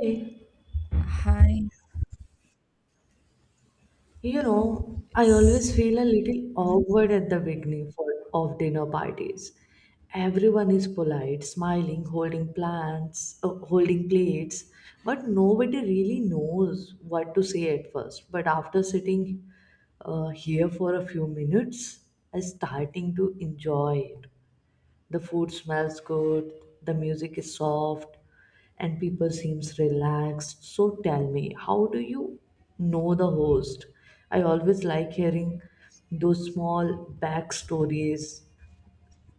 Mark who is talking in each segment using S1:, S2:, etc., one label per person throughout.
S1: Hey,
S2: Hi.
S1: you know, I
S2: Yes.
S1: always feel a little
S2: Mhm.
S1: awkward at the beginning of dinner parties. Everyone is polite, smiling, holding plates, but nobody really knows what to say at first. But after sitting here for a few minutes, I'm starting to enjoy it. The food smells good, the music is soft, and people seems relaxed. So tell me, how do you know the host? I always like hearing those small backstories,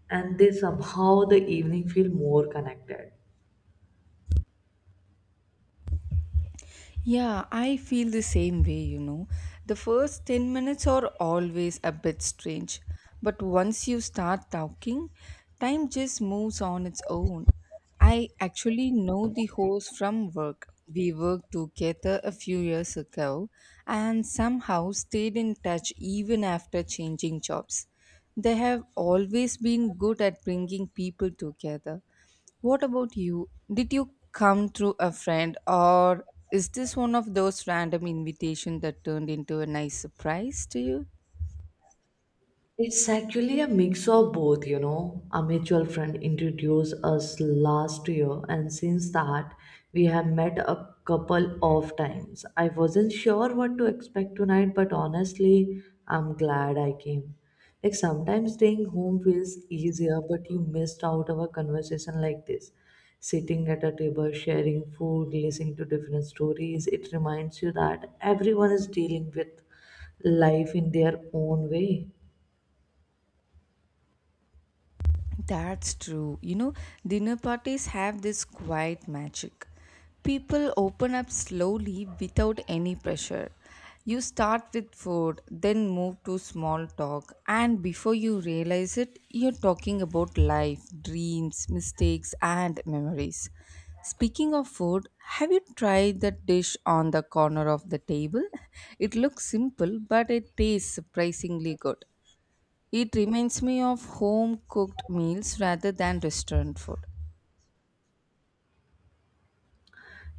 S1: and they somehow the evening feel more connected.
S2: Yeah, I feel the same way, The first 10 minutes are always a bit strange, but once you start talking, time just moves on its own. I actually know the host from work. We worked together a few years ago and somehow stayed in touch even after changing jobs. They have always been good at bringing people together. What about you? Did you come through a friend, or is this one of those random invitations that turned into a nice surprise to you?
S1: It's actually a mix of both, you know. A mutual friend introduced us last year, and since that, we have met a couple of times. I wasn't sure what to expect tonight, but honestly, I'm glad I came. Like sometimes staying home feels easier, but you missed out of a conversation like this. Sitting at a table, sharing food, listening to different stories, it reminds you that everyone is dealing with life in their own way.
S2: That's true. You know, dinner parties have this quiet magic. People open up slowly without any pressure. You start with food, then move to small talk, and before you realize it, you're talking about life, dreams, mistakes, and memories. Speaking of food, have you tried that dish on the corner of the table? It looks simple, but it tastes surprisingly good. It reminds me of home cooked meals rather than restaurant food.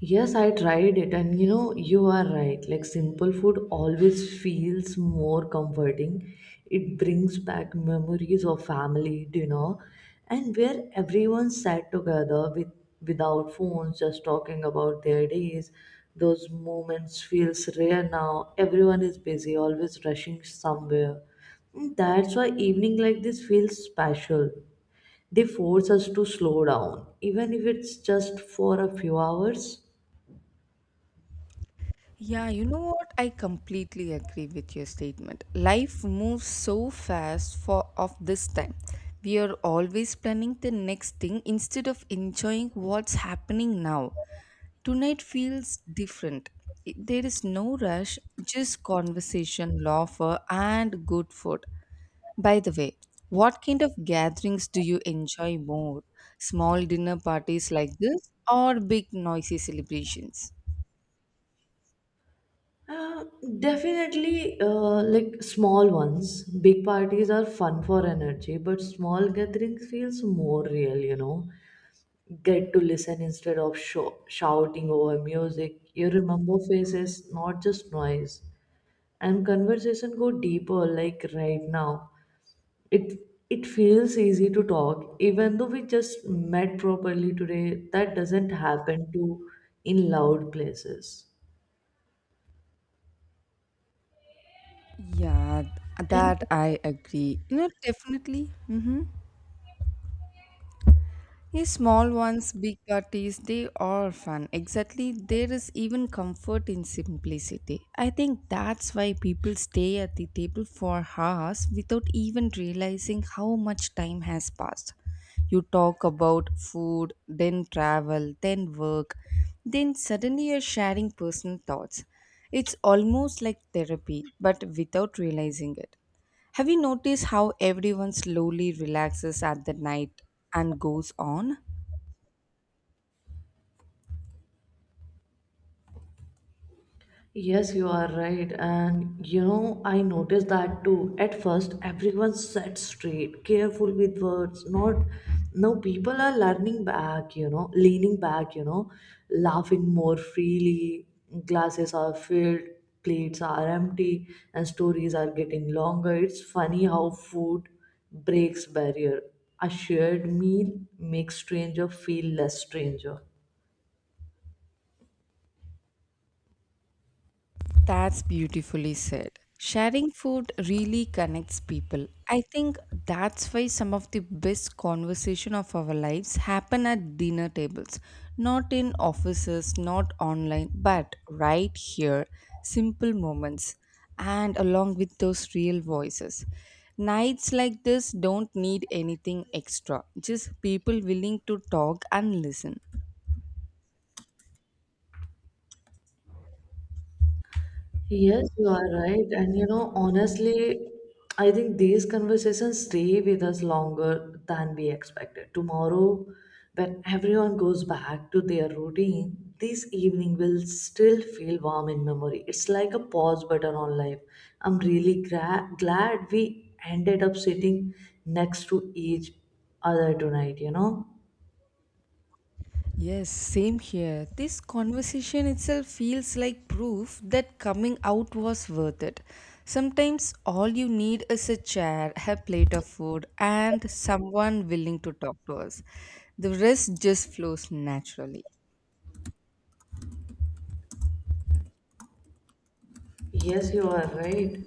S1: Yes, I tried it, and you know, you are right. Like, simple food always feels more comforting. It brings back memories of family dinner and where everyone sat together with without phones, just talking about their days. Those moments feels rare now. Everyone is busy, always rushing somewhere. And that's why evening like this feels special. They force us to slow down, even if it's just for a few hours.
S2: Yeah, you know what? I completely agree with your statement. Life moves so fast for of this time. We are always planning the next thing instead of enjoying what's happening now. Tonight feels different. There is no rush, just conversation, laughter, and good food. By the way, what kind of gatherings do you enjoy more? Small dinner parties like this or big noisy celebrations?
S1: Uh, Definitely, like small ones. Big parties are fun for energy, but small gatherings feels more real. You know, get to listen instead of shouting over music. You remember faces, not just noise, and conversation go deeper. Like right now, it it feels easy to talk, even though we just met properly today. That doesn't happen to in loud places.
S2: Yeah,
S1: And
S2: that I agree. You know, definitely. Mm-hmm. Yeah, small ones, big parties, they are fun. Exactly, there is even comfort in simplicity. I think that's why people stay at the table for hours without even realizing how much time has passed. You talk about food, then travel, then work, then suddenly you're sharing personal thoughts. It's almost like therapy, but without realizing it. Have you noticed how everyone slowly relaxes at the night and goes on?
S1: yes, you are right. And you know, I noticed that too. At first, everyone sat straight, careful with words. Not now people are learning back, you know, leaning back, you know, laughing more freely. Glasses are filled, plates are empty, and stories are getting longer. It's funny how food breaks barrier. A shared meal makes stranger feel less stranger.
S2: That's beautifully said. Sharing food really connects people. I think that's why some of the best conversation of our lives happen at dinner tables, not in offices, not online, but right here, simple moments and along with those real voices. Nights like this don't need anything extra, just people willing to talk and listen.
S1: Yes, you are right. And you know, honestly, I think these conversations stay with us longer than we expected. Tomorrow, when everyone goes back to their routine, this evening will still feel warm in memory. It's like a pause button on life. I'm really glad we ended up sitting next to each other tonight, you know?
S2: Yes, same here. This conversation itself feels like proof that coming out was worth it. Sometimes all you need is a chair, a plate of food, and someone willing to talk to us. The rest just flows naturally.
S1: Yes, you are right.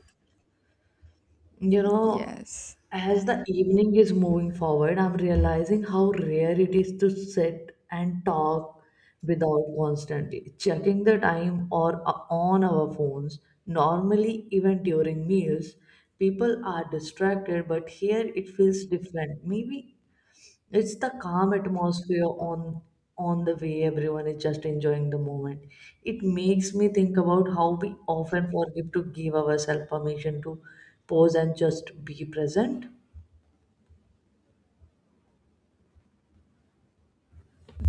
S1: You know,
S2: Yes.
S1: as the evening is moving forward, I'm realizing how rare it is to sit and talk without constantly checking the time or on our phones. Normally, even during meals, people are distracted, but here it feels different. Maybe it's the calm atmosphere on the way everyone is just enjoying the moment. It makes me think about how we often forget to give ourselves permission to pause and just be present.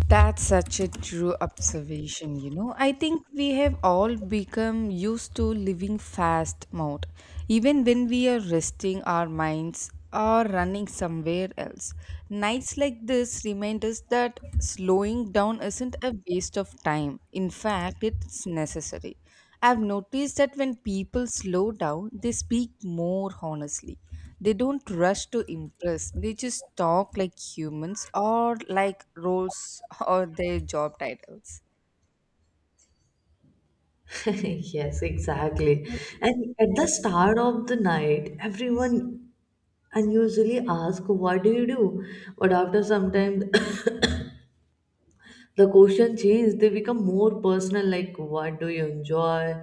S2: That's such a true observation, you know. I think we have all become used to living fast mode, even when we are resting our minds or running somewhere else. Nights like this remind us that slowing down isn't a waste of time. In fact, it's necessary. I've noticed that when people slow down, they speak more honestly. They don't rush to impress. They just talk like humans or like roles or their job titles.
S1: Yes, exactly. And at the start of the night, everyone unusually ask, "What do you do?" But after some time, the question change they become more personal, like what do you enjoy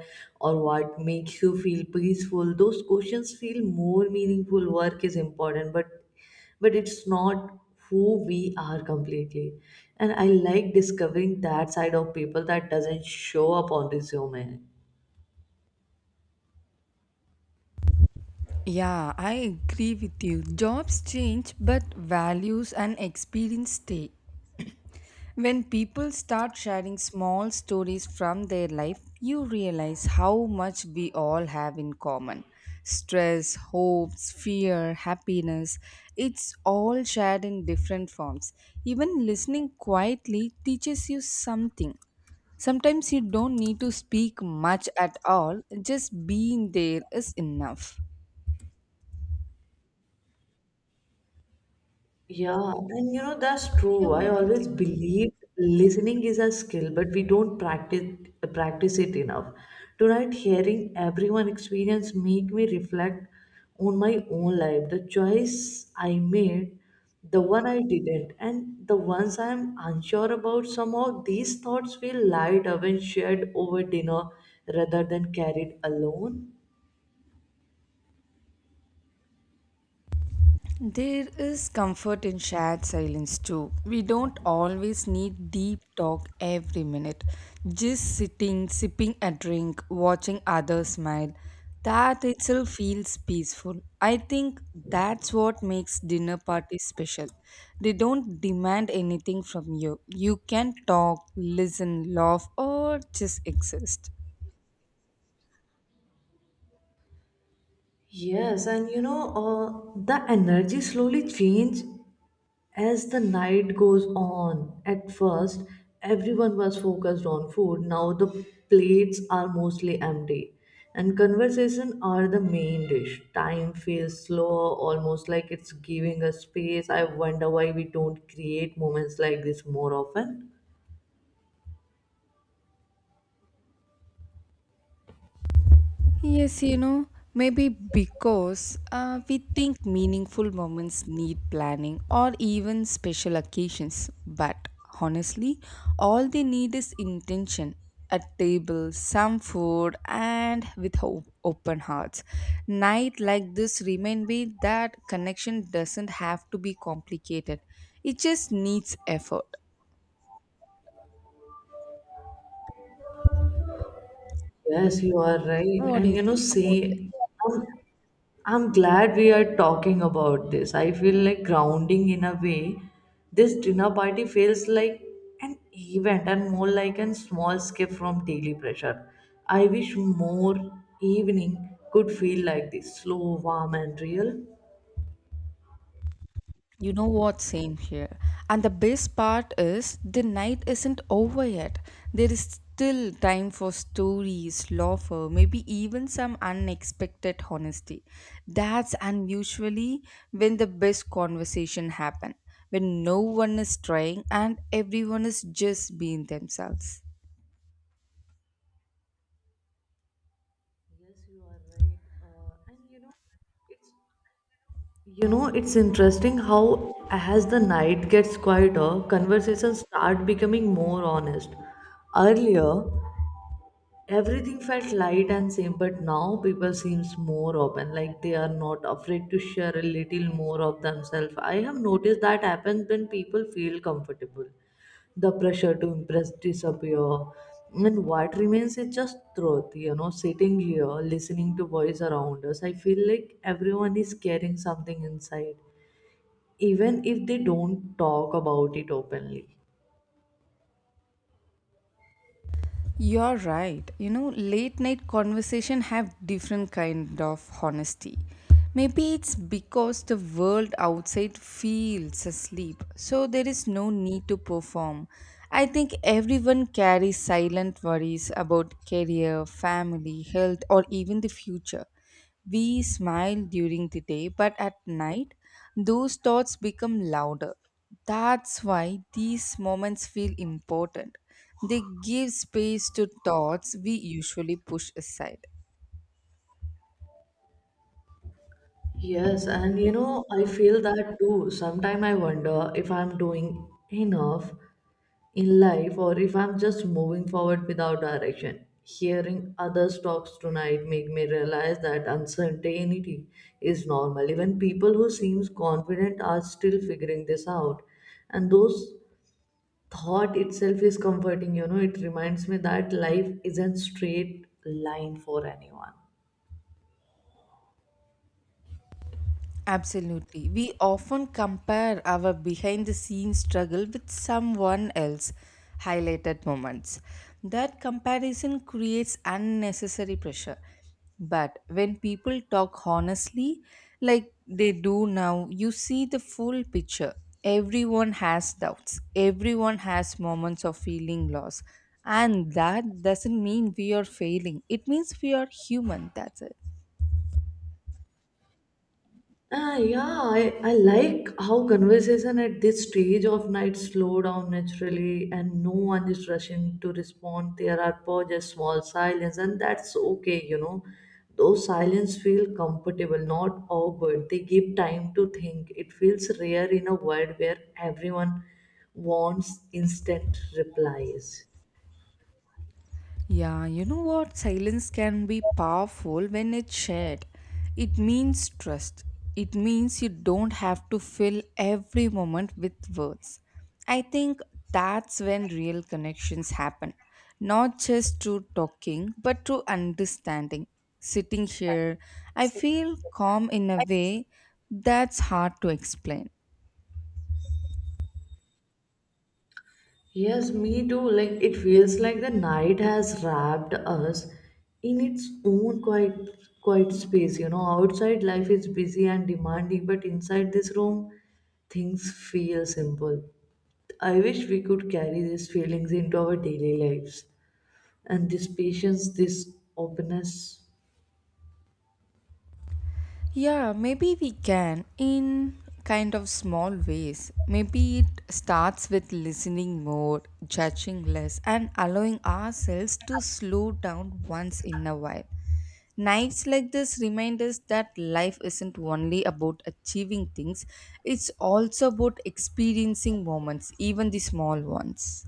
S1: or what makes you feel peaceful. Those questions feel more meaningful. Work is important, but it's not who we are completely, and I like discovering that side of people that doesn't show up on resume.
S2: Yeah, I agree with you. Jobs change, but values and experience stay. When people start sharing small stories from their life, you realize how much we all have in common. Stress, hopes, fear, happiness, it's all shared in different forms. Even listening quietly teaches you something. Sometimes you don't need to speak much at all, just being there is enough.
S1: Yeah, and you know, that's
S2: Yeah,
S1: true. I
S2: what do you
S1: always
S2: think?
S1: believe listening is a skill, but we don't practice it enough. Tonight, hearing everyone experience make me reflect on my own life, the choice I made, the one I didn't, and the ones I'm unsure about. Somehow, these thoughts feel lighter when shared over dinner rather than carried alone.
S2: There is comfort in shared silence too. We don't always need deep talk every minute. Just sitting, sipping a drink, watching others smile, that itself feels peaceful. I think that's what makes dinner parties special. They don't demand anything from you. You can talk, listen, laugh, or just exist.
S1: Yes, and you know, the energy slowly changed. As the night goes on, at first everyone was focused on food. Now the plates are mostly empty and conversation are the main dish. Time feels slow, almost like it's giving us space. I wonder why we don't create moments like this more often.
S2: Yes, you know, maybe because we think meaningful moments need planning or even special occasions. But honestly, all they need is intention, a table, some food, and with open hearts. Night like this remind me that connection doesn't have to be complicated. It just needs effort.
S1: Yes, you are right.
S2: What do
S1: And
S2: you
S1: you know,
S2: think about it?
S1: see, I'm, I'm glad we are talking about this. I feel like grounding in a way. This dinner party feels like an event and more like a small escape from daily pressure. I wish more evening could feel like this, slow, warm, and real.
S2: You know what? Same here. And the best part is the night isn't over yet. There is still time for stories, laughter, maybe even some unexpected honesty. That's unusually when the best conversation happen, when no one is trying and everyone is just being themselves.
S1: Yes, you are right. And you know, it's you know, it's interesting how, as the night gets quieter, conversations start becoming more honest. Earlier, everything felt light and same, but now people seems more open, like they are not afraid to share a little more of themselves. I have noticed that happens when people feel comfortable. The pressure to impress disappear, and what remains is just truth. You know, sitting here, listening to voice around us, I feel like everyone is carrying something inside even if they don't talk about it openly.
S2: You're right. You know, late night conversation have different kind of honesty. Maybe it's because the world outside feels asleep, so there is no need to perform. I think everyone carries silent worries about career, family, health, or even the future. We smile during the day, but at night, those thoughts become louder. That's why these moments feel important. They give space to thoughts we usually push aside.
S1: Yes, and you know, I feel that too. Sometimes I wonder if I'm doing enough in life or if I'm just moving forward without direction. Hearing others talks tonight make me realize that uncertainty is normal. Even people who seems confident are still figuring this out. And those thought itself is comforting, you know, it reminds me that life isn't straight line for anyone.
S2: Absolutely. We often compare our behind the scenes struggle with someone else highlighted moments. That comparison creates unnecessary pressure. But when people talk honestly, like they do now, you see the full picture. Everyone has doubts, everyone has moments of feeling loss. And that doesn't mean we are failing, it means we are human. That's it.
S1: Ah, yeah, I like how conversation at this stage of night slow down naturally and no one is rushing to respond. There are pauses, small silence, and that's okay, you know. Those silence feel comfortable, not awkward. They give time to think. It feels rare in a world where everyone wants instant replies.
S2: Yeah, you know what? Silence can be powerful when it's shared. It means trust. It means you don't have to fill every moment with words. I think that's when real connections happen. Not just through talking, but through understanding. Sitting here, I feel calm in a way that's hard to explain.
S1: Yes, me too. Like it feels like the night has wrapped us in its own quiet space. You know, outside life is busy and demanding, but inside this room things feel simple. I wish we could carry these feelings into our daily lives. And this patience, this openness.
S2: Yeah, maybe we can in kind of small ways. Maybe it starts with listening more, judging less, and allowing ourselves to slow down once in a while. Nights like this remind us that life isn't only about achieving things, it's also about experiencing moments, even the small ones.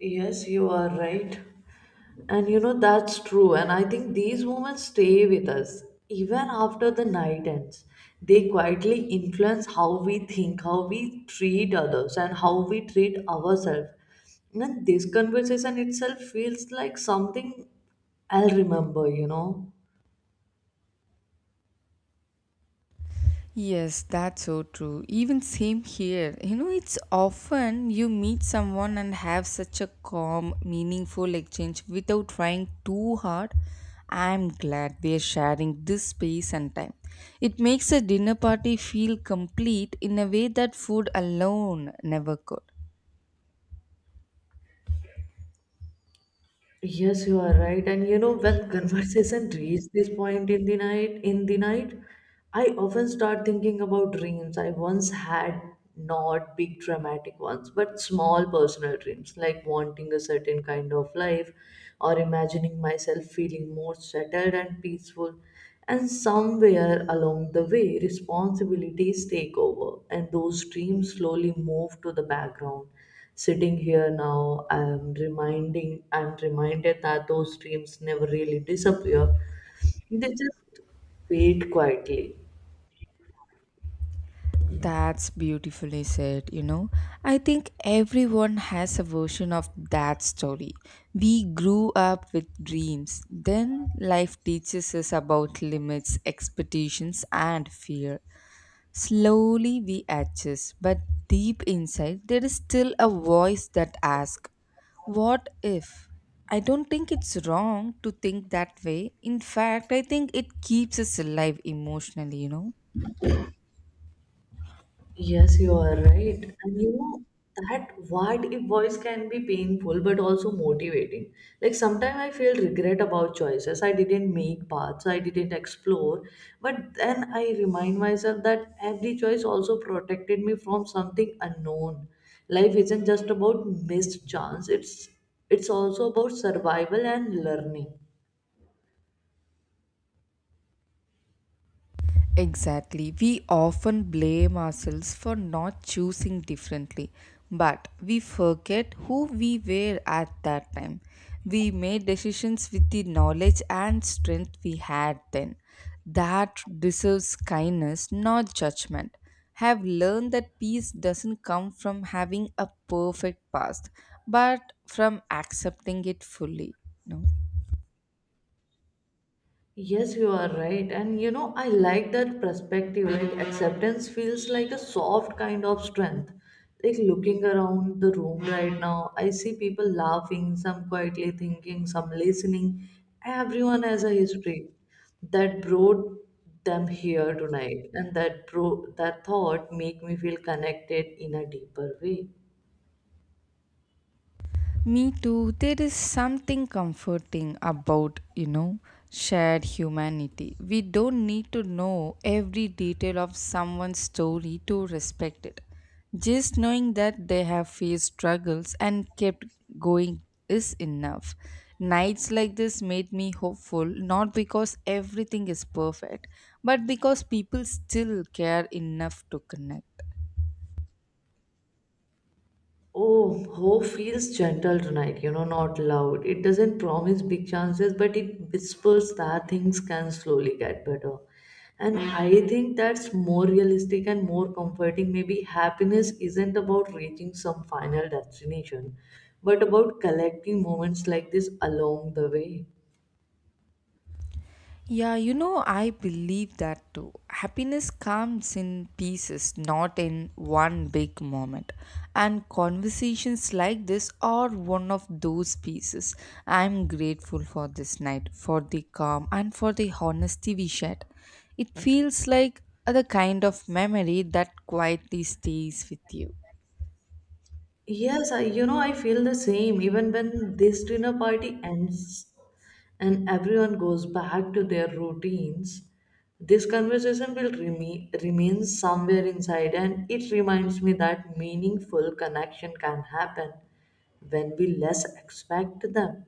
S1: Yes, you are right. And you know, that's true. And I think these moments stay with us even after the night ends. They quietly influence how we think, how we treat others, and how we treat ourselves. And this conversation itself feels like something I'll remember, you know.
S2: Yes, that's so true. Even same here. You know, it's often you meet someone and have such a calm, meaningful exchange without trying too hard. I'm glad we're sharing this space and time. It makes a dinner party feel complete in a way that food alone never could.
S1: Yes, you are right. And you know, when conversation reaches this point in the night, I often start thinking about dreams I once had, not big dramatic ones, but small personal dreams, like wanting a certain kind of life or imagining myself feeling more settled and peaceful. And somewhere along the way, responsibilities take over, and those dreams slowly move to the background. Sitting here now, I'm reminded that those dreams never really disappear, they just fade quietly.
S2: That's beautifully said, you know. I think everyone has a version of that story. We grew up with dreams, then life teaches us about limits, expectations, and fear. Slowly we adjust, but deep inside, there is still a voice that asks, what if? I don't think it's wrong to think that way. In fact, I think it keeps us alive emotionally, you know.
S1: Yes, you are right. And you know, that what if voice can be painful but also motivating. Like sometimes I feel regret about choices. I didn't make paths, I didn't explore. But then I remind myself that every choice also protected me from something unknown. Life isn't just about missed chance, it's also about survival and learning.
S2: Exactly. We often blame ourselves for not choosing differently, but we forget who we were at that time. We made decisions with the knowledge and strength we had then. That deserves kindness, not judgment. Have learned that peace doesn't come from having a perfect past, but from accepting it fully. No?
S1: Yes, you are right. And you know, I like that perspective. Like, acceptance feels like a soft kind of strength. Like, looking around the room right now, I see people laughing, some quietly thinking, some listening. Everyone has a history that brought them here tonight, and that thought make me feel connected in a deeper way.
S2: Me too. There is something comforting about, you know, shared humanity. We don't need to know every detail of someone's story to respect it. Just knowing that they have faced struggles and kept going is enough. Nights like this made me hopeful not because everything is perfect, but because people still care enough to connect.
S1: Oh, hope feels gentle tonight, you know, not loud. It doesn't promise big chances, but it whispers that things can slowly get better. And I think that's more realistic and more comforting. Maybe happiness isn't about reaching some final destination, but about collecting moments like this along the way.
S2: Yeah, you know, I believe that too. Happiness comes in pieces, not in one big moment. And conversations like this are one of those pieces. I'm grateful for this night, for the calm, and for the honesty we shared. It feels like the kind of memory that quietly stays with you.
S1: Yes, you know, I feel the same. Even when this dinner party ends and everyone goes back to their routines, this conversation will remain somewhere inside, and it reminds me that meaningful connection can happen when we less expect them.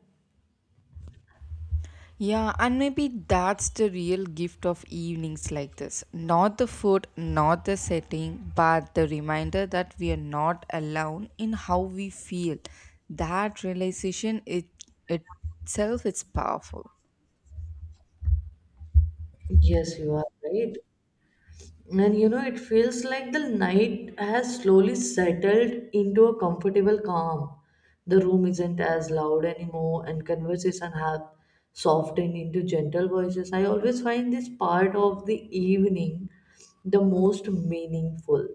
S2: Yeah, and maybe that's the real gift of evenings like this. Not the food, not the setting, but the reminder that we are not alone in how we feel. That realization it, itself is powerful.
S1: Yes, you are right. And you know, it feels like the night has slowly settled into a comfortable calm. The room isn't as loud anymore, and conversation have softened into gentle voices. I always find this part of the evening the most meaningful.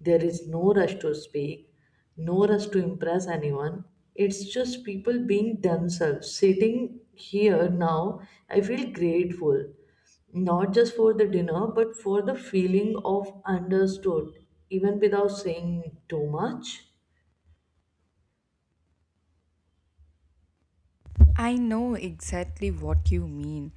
S1: There is no rush to speak, no rush to impress anyone. It's just people being themselves. Sitting here now, I feel grateful not just for the dinner, but for the feeling of understood, even without saying too much.
S2: I know exactly what you mean.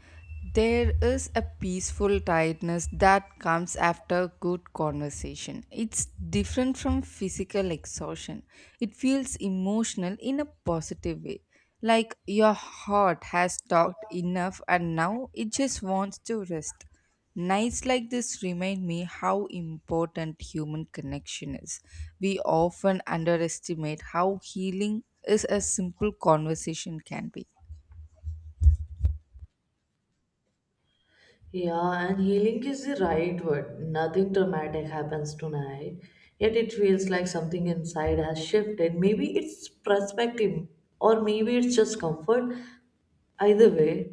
S2: There is a peaceful tiredness that comes after good conversation. It's different from physical exhaustion. It feels emotional in a positive way. Like your heart has talked enough and now it just wants to rest. Nights like this remind me how important human connection is. We often underestimate how healing is a simple conversation can be.
S1: Yeah, and healing is the right word. Nothing traumatic happens tonight, yet it feels like something inside has shifted. Maybe it's perspective, or maybe it's just comfort. Either way,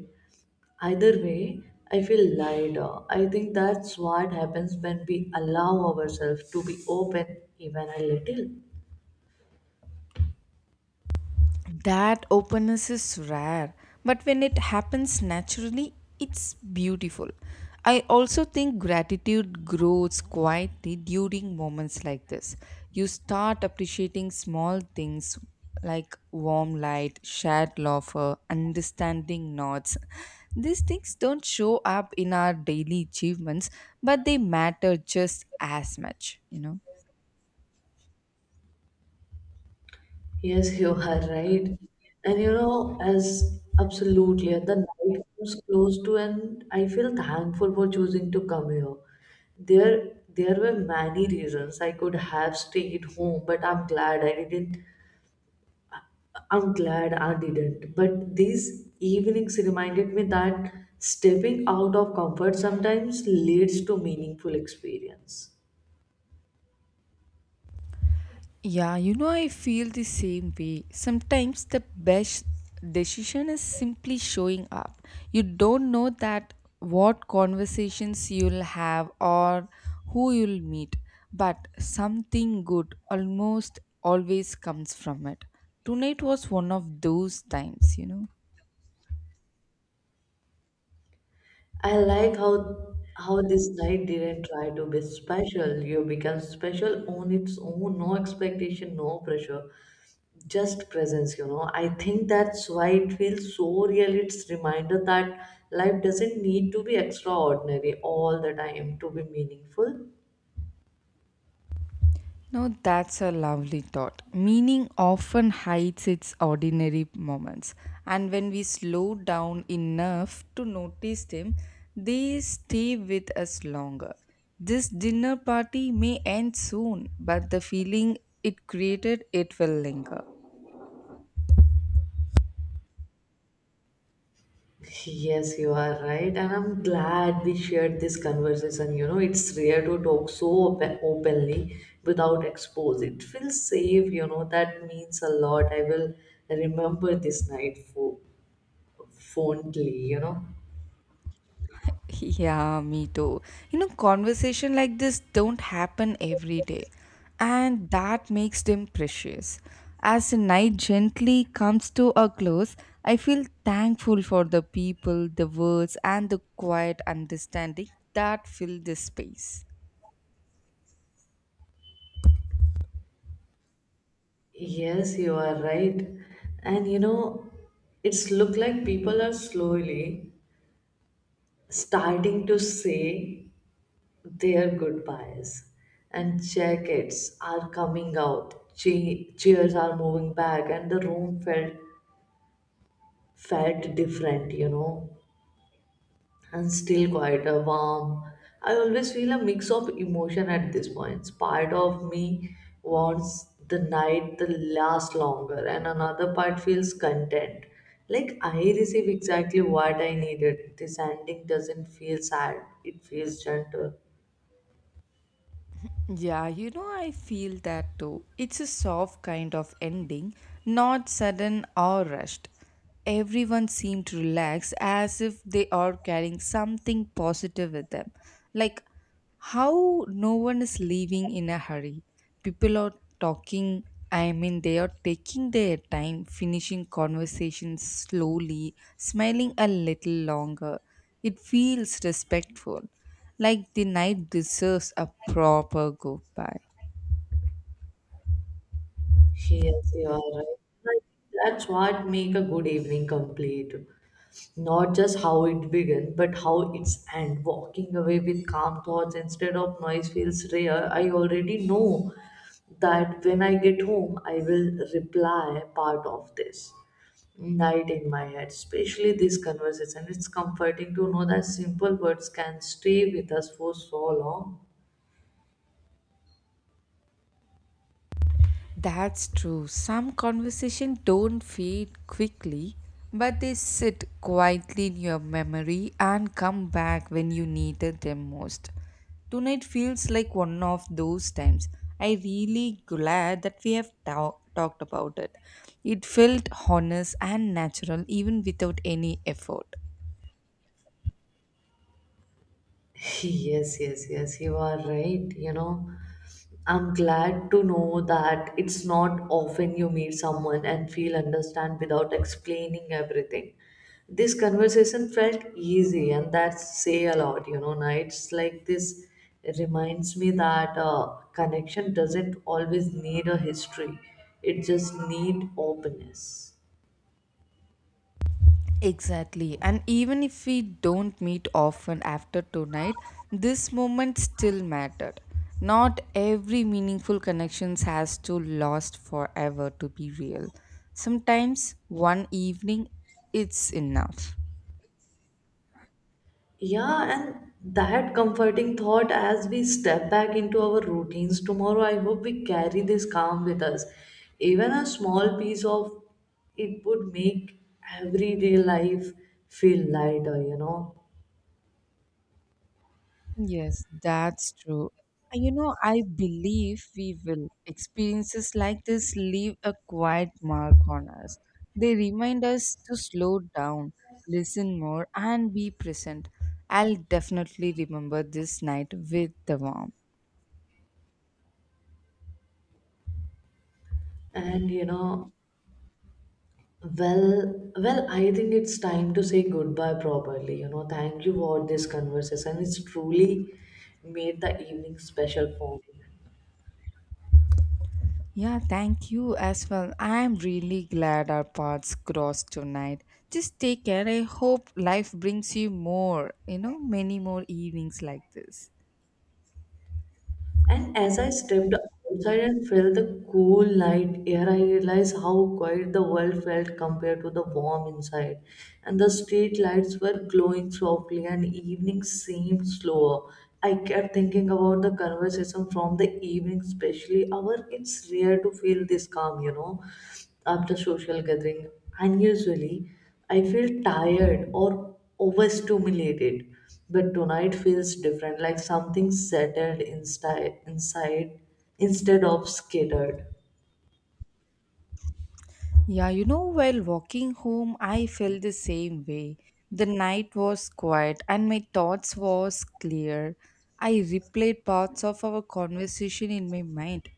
S1: Either way, I feel lighter. I think that's what happens when we allow ourselves to be open, even a little.
S2: That openness is rare, but when it happens naturally, it's beautiful. I also think gratitude grows quietly during moments like this. You start appreciating small things like warm light, shared laughter, understanding nods. These things don't show up in our daily achievements, but they matter just as much, you know.
S1: Yes, you are right. And you know, as absolutely, and the night comes close to, and I feel thankful for choosing to come here. There were many reasons I could have stayed home, but I'm glad I didn't. But these evenings reminded me that stepping out of comfort sometimes leads to meaningful experience.
S2: Yeah, you know, I feel the same way. Sometimes the best decision is simply showing up. You don't know that what conversations you'll have or who you'll meet, but something good almost always comes from it. Tonight was one of those times, you know.
S1: I like how this night didn't try to be special. You become special on its own, no expectation, no pressure, just presence, you know. I think that's why it feels so real. It's reminder that life doesn't need to be extraordinary all the time to be meaningful.
S2: No, that's a lovely thought. Meaning often hides its ordinary moments, and when we slow down enough to notice them, they stay with us longer. This dinner party may end soon, but the feeling it created it will linger.
S1: Yes, you are right, and I'm glad we shared this conversation. You know, it's rare to talk so openly without expose. It feels safe, you know, that means a lot. I will remember this night fondly, you know.
S2: Yeah, me too. You know, conversation like this don't happen every day, and that makes them precious. As the night gently comes to a close, I feel thankful for the people, the words, and the quiet understanding that fill this space.
S1: Yes, you are right. And you know, it's look like people are slowly starting to say their goodbyes and jackets are coming out, chairs are moving back, and the room felt different, you know, and still quite a warm. I always feel a mix of emotion at this point. Part of me wants the night to last longer, and another part feels content, like I receive exactly what I needed. This ending doesn't feel sad, it feels gentle.
S2: Yeah, you know, I feel that too. It's a soft kind of ending, not sudden or rushed. Everyone seemed relaxed as if they are carrying something positive with them. Like how no one is leaving in a hurry. People are talking, I mean, they are taking their time, finishing conversations slowly, smiling a little longer. It feels respectful. Like the night deserves a proper goodbye.
S1: Yes, you are right. Like, that's what make a good evening complete. Not just how it began, but how it's end. Walking away with calm thoughts instead of noise feels rare. I already know that when I get home, I will reply part of this night in my head, especially this conversation. It's comforting to know that simple words can stay with us for so long.
S2: That's true. Some conversations don't fade quickly, but they sit quietly in your memory and come back when you needed them most. Tonight feels like one of those times. I really glad that we have talked about it. It felt honest and natural even without any effort.
S1: Yes, you are right, you know. I'm glad to know that it's not often you meet someone and feel understand without explaining everything. This conversation felt easy, and that say a lot. You know, nights like this reminds me that connection doesn't always need a history; it just need openness.
S2: Exactly. And even if we don't meet often after tonight, this moment still mattered. Not every meaningful connections has to last forever to be real. Sometimes one evening it's enough.
S1: Yeah, and that comforting thought as we step back into our routines tomorrow, I hope we carry this calm with us. Even a small piece of it would make everyday life feel lighter, you know.
S2: Yes, that's true. You know, I believe we will. Experiences like this leave a quiet mark on us. They remind us to slow down, listen more, and be present. I'll definitely remember this night with the warmth.
S1: And you know, I think it's time to say goodbye properly. You know, thank you for this conversation. It's truly made the evening special for me.
S2: Yeah, thank you as well. I'm really glad our paths crossed tonight. Just take care. I hope life brings you more, you know, many more evenings like this.
S1: And as I stepped outside and felt the cool night air, I realized how quiet the world felt compared to the warm inside. And the street lights were glowing softly, and evening seemed slower. I kept thinking about the conversation from the evening, especially our. It's rare to feel this calm, you know, after social gathering. Unusually, I feel tired or overstimulated. But tonight feels different, like something settled inside instead of scattered.
S2: Yeah, you know, while walking home, I felt the same way. The night was quiet and my thoughts was clear. I replayed parts of our conversation in my mind,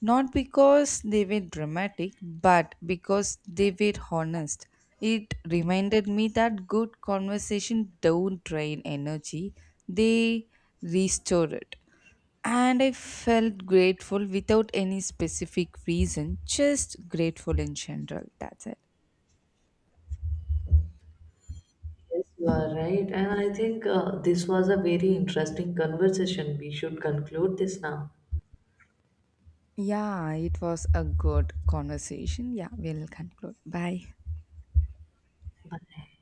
S2: not because they were dramatic, but because they were honest. It reminded me that good conversation don't drain energy; they restore it and I felt grateful without any specific reason, just grateful in general. That's it.
S1: Yes, you are right. And I think this was a very interesting conversation. We should conclude this now.
S2: Yeah, it was a good conversation. Yeah, we'll conclude. Bye.
S1: Bye.